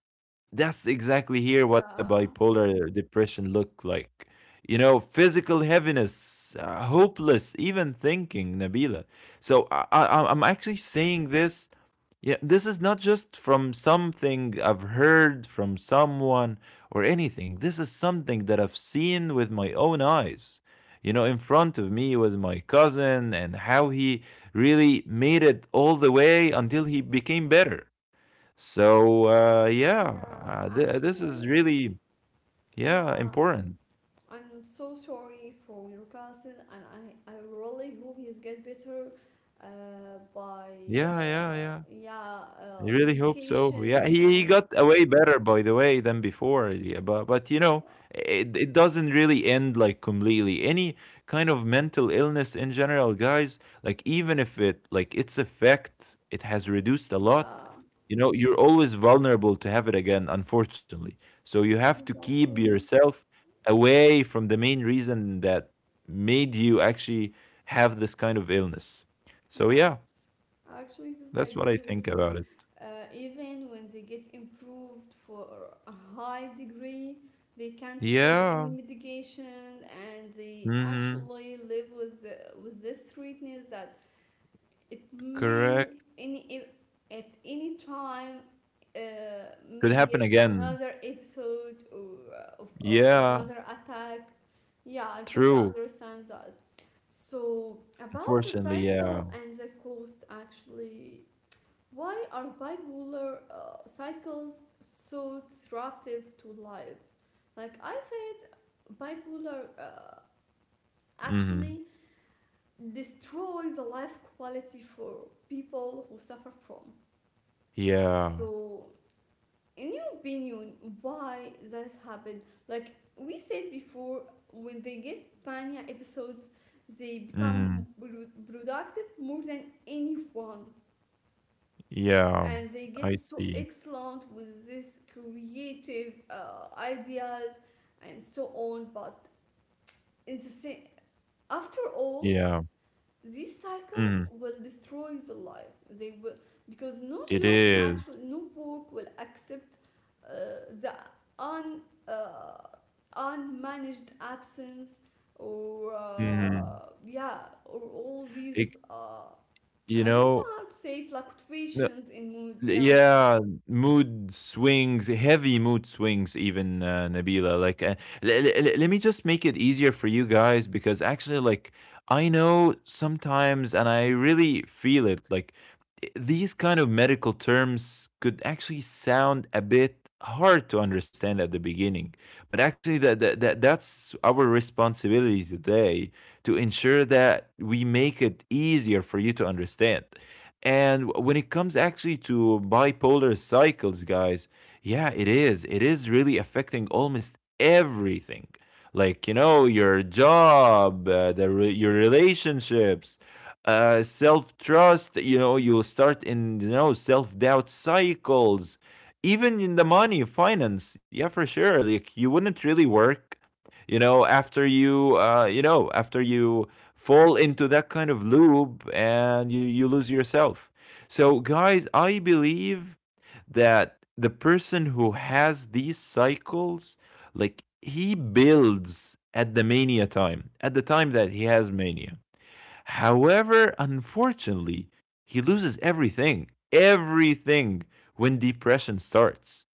That's exactly here what a yeah, bipolar depression look like. You know, physical heaviness, hopeless, even thinking, Nabila. So I'm actually saying this. Yeah, this is not just from something I've heard from someone or anything. This is something that I've seen with my own eyes. You know, in front of me with my cousin and how he really made it all the way until he became better. So, yeah, this is actually, really, yeah, yeah. important. I'm so sorry for your cousin, and I really hope he's get better by Yeah, yeah, yeah. yeah, I really hope so. Yeah, medication he and got away better, by the way, than before. Yeah, but you know, it doesn't really end like completely. Any kind of mental illness in general, guys, like even if it like its effect, it has reduced a yeah lot. You know, you're always vulnerable to have it again, unfortunately. So you have to keep exactly. yourself away from the main reason that made you actually have this kind of illness. So yeah, Yes, I actually totally that's what I agree think with you. about it. Even when they get improved for a high degree, they can't stop any Yeah. medication, and they Mhm. actually live with with this sweetness that it may Correct. any if- at any time uh, Could may happen get again. another episode or or Yeah, another attack. Yeah, I totally true. understand that. So, about the Unfortunately, yeah. cycle and the cost, actually, why are bipolar cycles so disruptive to life? Like I said, bipolar Mhm. actually destroys the life quality for people who suffer from. Yeah. So, in your opinion, why this happened? Like we said before, when they get mania episodes they become Mhm. productive more than anyone, Yeah. and they get I so see. excellent with this creative ideas and so on. But in the same after all, Yeah. this cycle Mhm. will destroy the life. They will, because no It job, is. actually, no work will accept uh, the un, uh, unmanaged absence or Mhm. Yeah or all It these you I don't know, know how to say, no. fluctuations in mood. Yeah, Yeah, mood swings, heavy mood swings, even Nabila. Like, let me just make it easier for you guys because actually, like, I know sometimes, and I really feel it, like, these kind of medical terms could actually sound a bit hard to understand at the beginning. But actually, that's our responsibility today to ensure that we make it easier for you to understand. And when it comes actually to bipolar cycles, guys, yeah, it is. It is really affecting almost everything. Like, you know, your job, your relationships, self trust, you know, you'll start in, you know, self doubt cycles, even in the money, finance. Yeah, for sure. Like, you wouldn't really work after you fall into that kind of loop and you lose yourself. So, guys, I believe that the person who has these cycles, like he builds at the mania time, at the time that he has mania. However, unfortunately, he loses everything, everything when depression starts.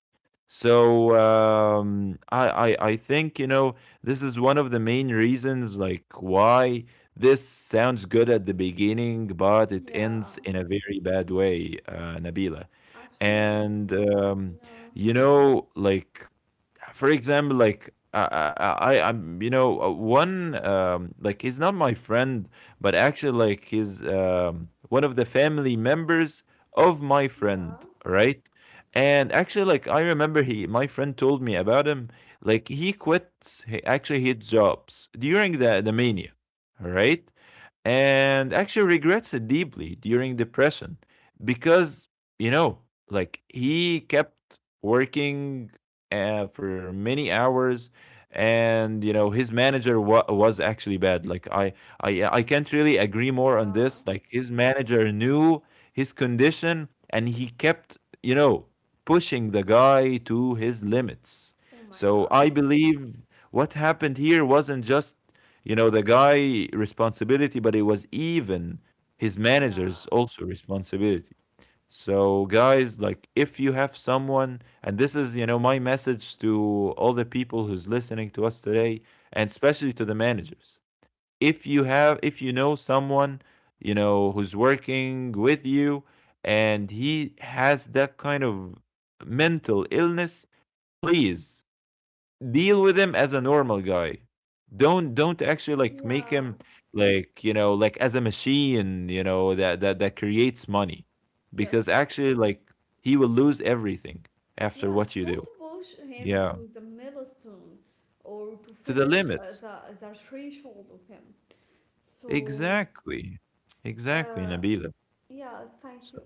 So I think you know this is one of the main reasons like why this sounds good at the beginning, but it yeah, ends in a very bad way, Nabila. actually, And yeah, you know, like for example, like you know, one like he's not my friend, but actually, like he's one of the family members of my friend, yeah, right? And actually, like I remember, he my friend told me about him. Like he quits, he actually his jobs during the mania, right? And actually regrets it deeply during depression because you know, like he kept working for many hours and you know his manager was actually bad like I can't really agree more on yeah, this. Like his manager knew his condition and he kept you know pushing the guy to his limits. oh my So I god, believe what happened here wasn't just you know the guy responsibility, but it was even his yeah, manager's also responsibility. So, guys, like if you have someone, and this is, you know, my message to all the people who's listening to us today, and especially to the managers. If you have, if you know someone, you know, who's working with you and he has that kind of mental illness, please deal with him as a normal guy. Don't actually like make him yeah, like you know like as a machine you know that creates money, because yes. actually like he will lose everything after Yes, what you don't do. push him Yeah, to the milestone or to to the finish limits. the threshold of him. So, Exactly, exactly, uh, Nabila. yeah, thank you. So,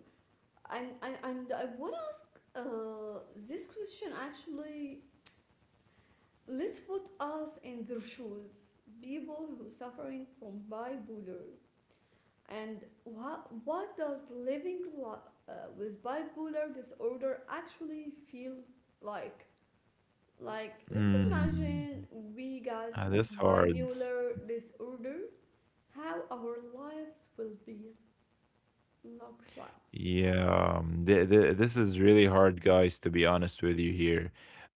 And I want to ask this question actually. Let's put us in their shoes, people who suffering from bipolar, and what does living with bipolar disorder actually feels like? Like, let's mm, imagine we got ah, this hard. bipolar disorder, how our lives will be looks like. Yeah, this is really hard, guys. To be honest with you, here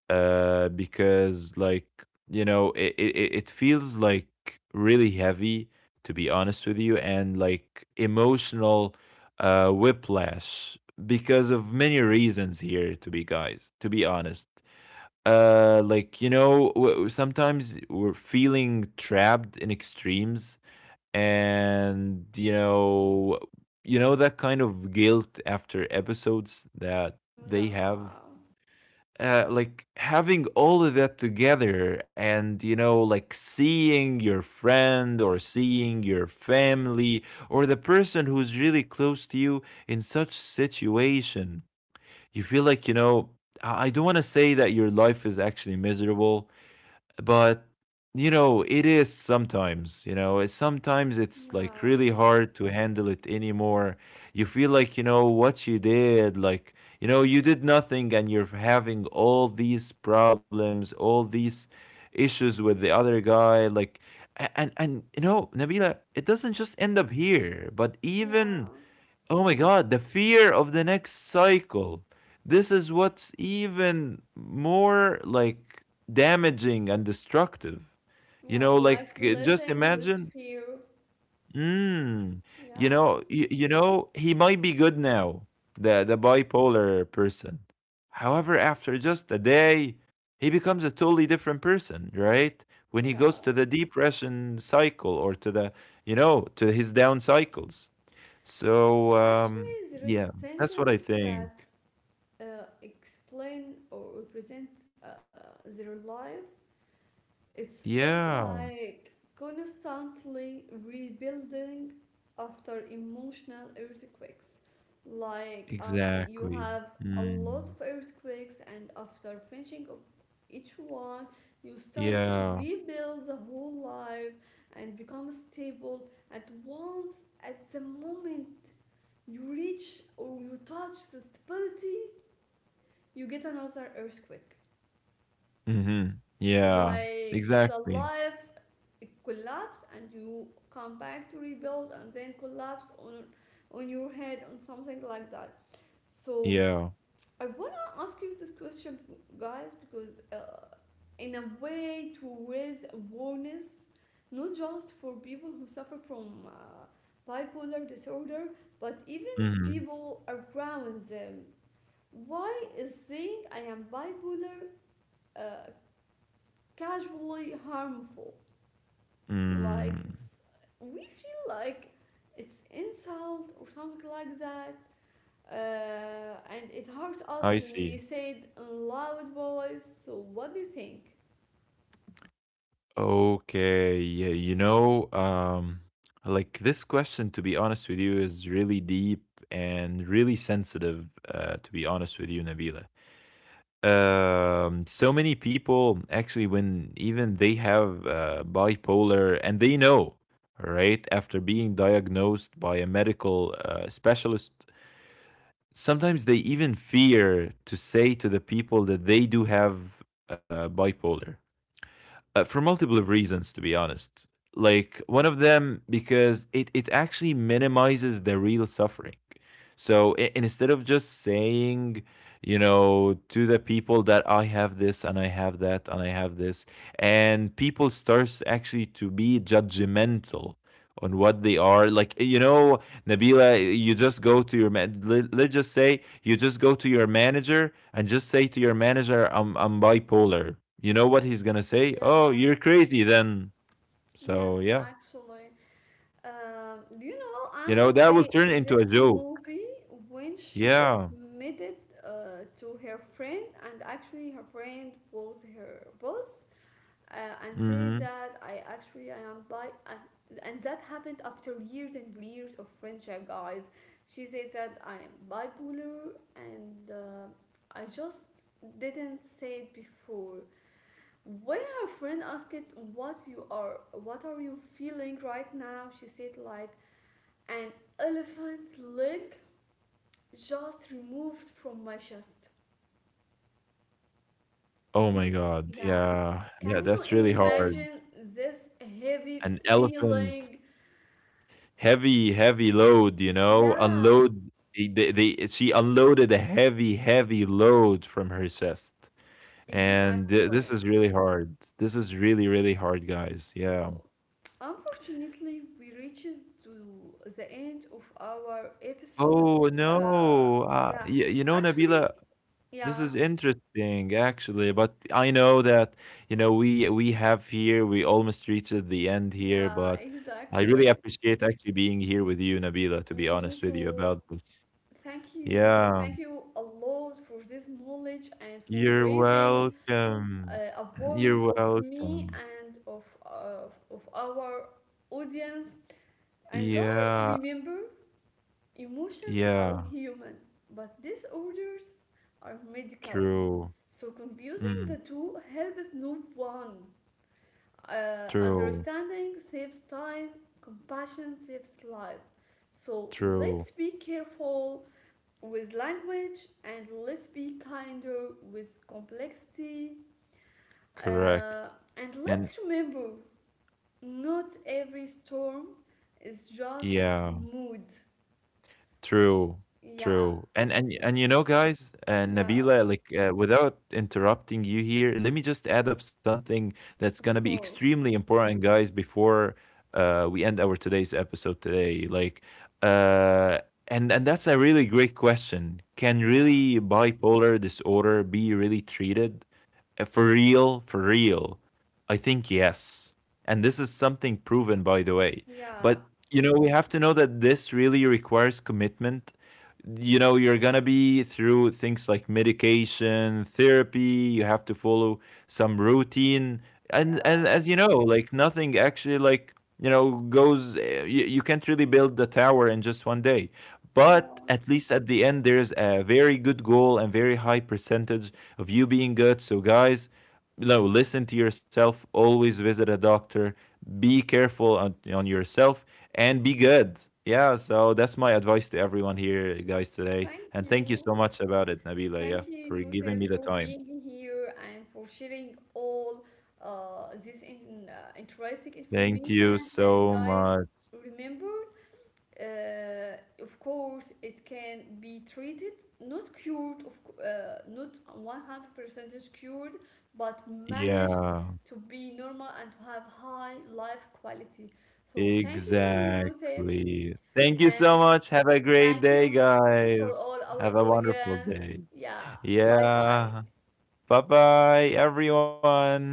because like you know it feels like really heavy to be honest with you and like emotional whiplash because of many reasons here to be guys to be honest. Like you know w- sometimes we're feeling trapped in extremes and you know that kind of guilt after episodes that they have. Yeah, Like having all of that together and you know like seeing your friend or seeing your family or the person who's really close to you in such situation you feel like you know I don't want to say that your life is actually miserable but you know it is sometimes you know it's- sometimes it's like yeah, really hard to handle it anymore. You feel like you know what you did, like you know you did nothing and you're having all these problems, all these issues with the other guy like and you know Nabila it doesn't just end up here but even yeah, Oh my God, the fear of the next cycle. This is what's even more like damaging and destructive. You yeah, know, like like just living with imagine, fear. mm, you Yeah, know, you know, he might be good now, the bipolar person. However, after just a day, he becomes a totally different person, right? When he goes yeah. to the depression cycle or to the, you know, to his down cycles. So, Actually, there is yeah, a that's what I sentence think. that explain or represent their life. It looks Yeah, like constantly rebuilding after emotional earthquakes. Like you exactly. have a lot of Mm, earthquakes, and after finishing of each one, you start to yeah. rebuild the whole life and become stable. At once, at the moment you reach or you touch the stability, you get another earthquake. Mhm. Yeah, Like the exactly. life collapse and you come back to rebuild and then collapse on your head on something like that. So Yeah. I want to ask you this question, guys, because in a way to raise awareness not just for people who suffer from bipolar disorder but even Mhm. people around them. Why is saying I am bipolar uh, casually harmful? Like Mm, it's, we feel like it's insult or something like that and it hurt us I when we see. say it in loud voice. So what do you think? Okay, yeah, you know, like this question, to be honest with you, is really deep and really sensitive, to be honest with you, Nabila. So many people actually when even they have bipolar and they know right after being diagnosed by a medical specialist sometimes they even fear to say to the people that they do have bipolar for multiple reasons, to be honest. Like one of them because it actually minimizes the real suffering. So instead of just saying, you know, to the people that I have this and I have that and I have this, and people starts actually to be judgmental on what they are like you know Nabila, you just go to your man. Let's just say you just go to your manager and just say to your manager, "I'm bipolar." You know what he's gonna say? Oh, Yeah, you're crazy then. So yes, yeah, actually. Do you know Anne you know that will Hathaway turn in into this a joke. movie when she Yeah. admitted to her friend, and actually her friend was her boss, uh, and Mm-hmm. say that I actually I am bi, and that happened after years and years of friendship, guys. She said that I am bipolar, and I just didn't say it before. When her friend asked it, "What you are? What are you feeling right now?" She said like an elephant leg just removed from my chest. Oh Do you, my God. yeah, Yeah. That can you that's really hard. imagine this heavy An elephant, feeling? heavy, heavy load. You know, Yeah, unload. She unloaded a heavy, heavy load from her chest. And th exactly. this is really hard. This is really, really hard, guys. Yeah. So, unfortunately, we reached to the end of our episode. Oh, Uh, no. yeah, Y you know, actually, Nabila, yeah, this is interesting actually, but I know that, you know, we have here, we almost reached the end here, yeah, but I really exactly. appreciate actually being here with you, Nabila, to be Me honest with you too. about this. Thank you. So Yeah. thank you a lot for this knowledge and for You're raising welcome. [clears throat] Awareness You're of me welcome. and of our audience. And guys, Yeah. remember. Emotions are Yeah. human, but disorders are medical. True. So confusing the Mm. two helps no one. True. Understanding saves time, compassion saves life. So let's True. be careful with language and let's be kinder with complexity. Correct. Uh, and And let's remember not every storm is just yeah, mood. true, Yeah. true. And and So, and you know, guys, yeah. Nabila, like without interrupting you here, let me just add up something that's Of gonna be course. extremely important, guys, before we end our today's episode today. Like, uh, and that's a really great question. Can Yeah, really bipolar disorder be really treated? For real, for real. I think yes. And this is something proven, by the way. yeah, But you know, we have to know that this really requires commitment. You know, you're gonna be through things like medication, therapy, you have to follow some routine. And yeah, as you know, like nothing actually like you know goes you can't really build the tower in just one day yeah. but at least at the end there's a very good goal and very high percentage of you being good. So guys, no, listen to yourself, always visit a doctor, be careful on yourself and be good. Yeah, so that's my advice to everyone here, guys, today. Thank And thank you you. so much about it, Nabila, Thank yeah, you, for Yusuf, giving me for the time. being here and for sharing all this interesting Thank you information. And so guys, much. remember. Uh, of course, it can be treated, not cured, not 100% cured, but managed Yeah, to be normal and to have high life quality. So thank you, Yusuf, exactly. Thank you so and much. Have a great thank day, you for guys. all our Have a wonderful audience. day. Yeah, bye bye. Yeah. Bye bye, everyone.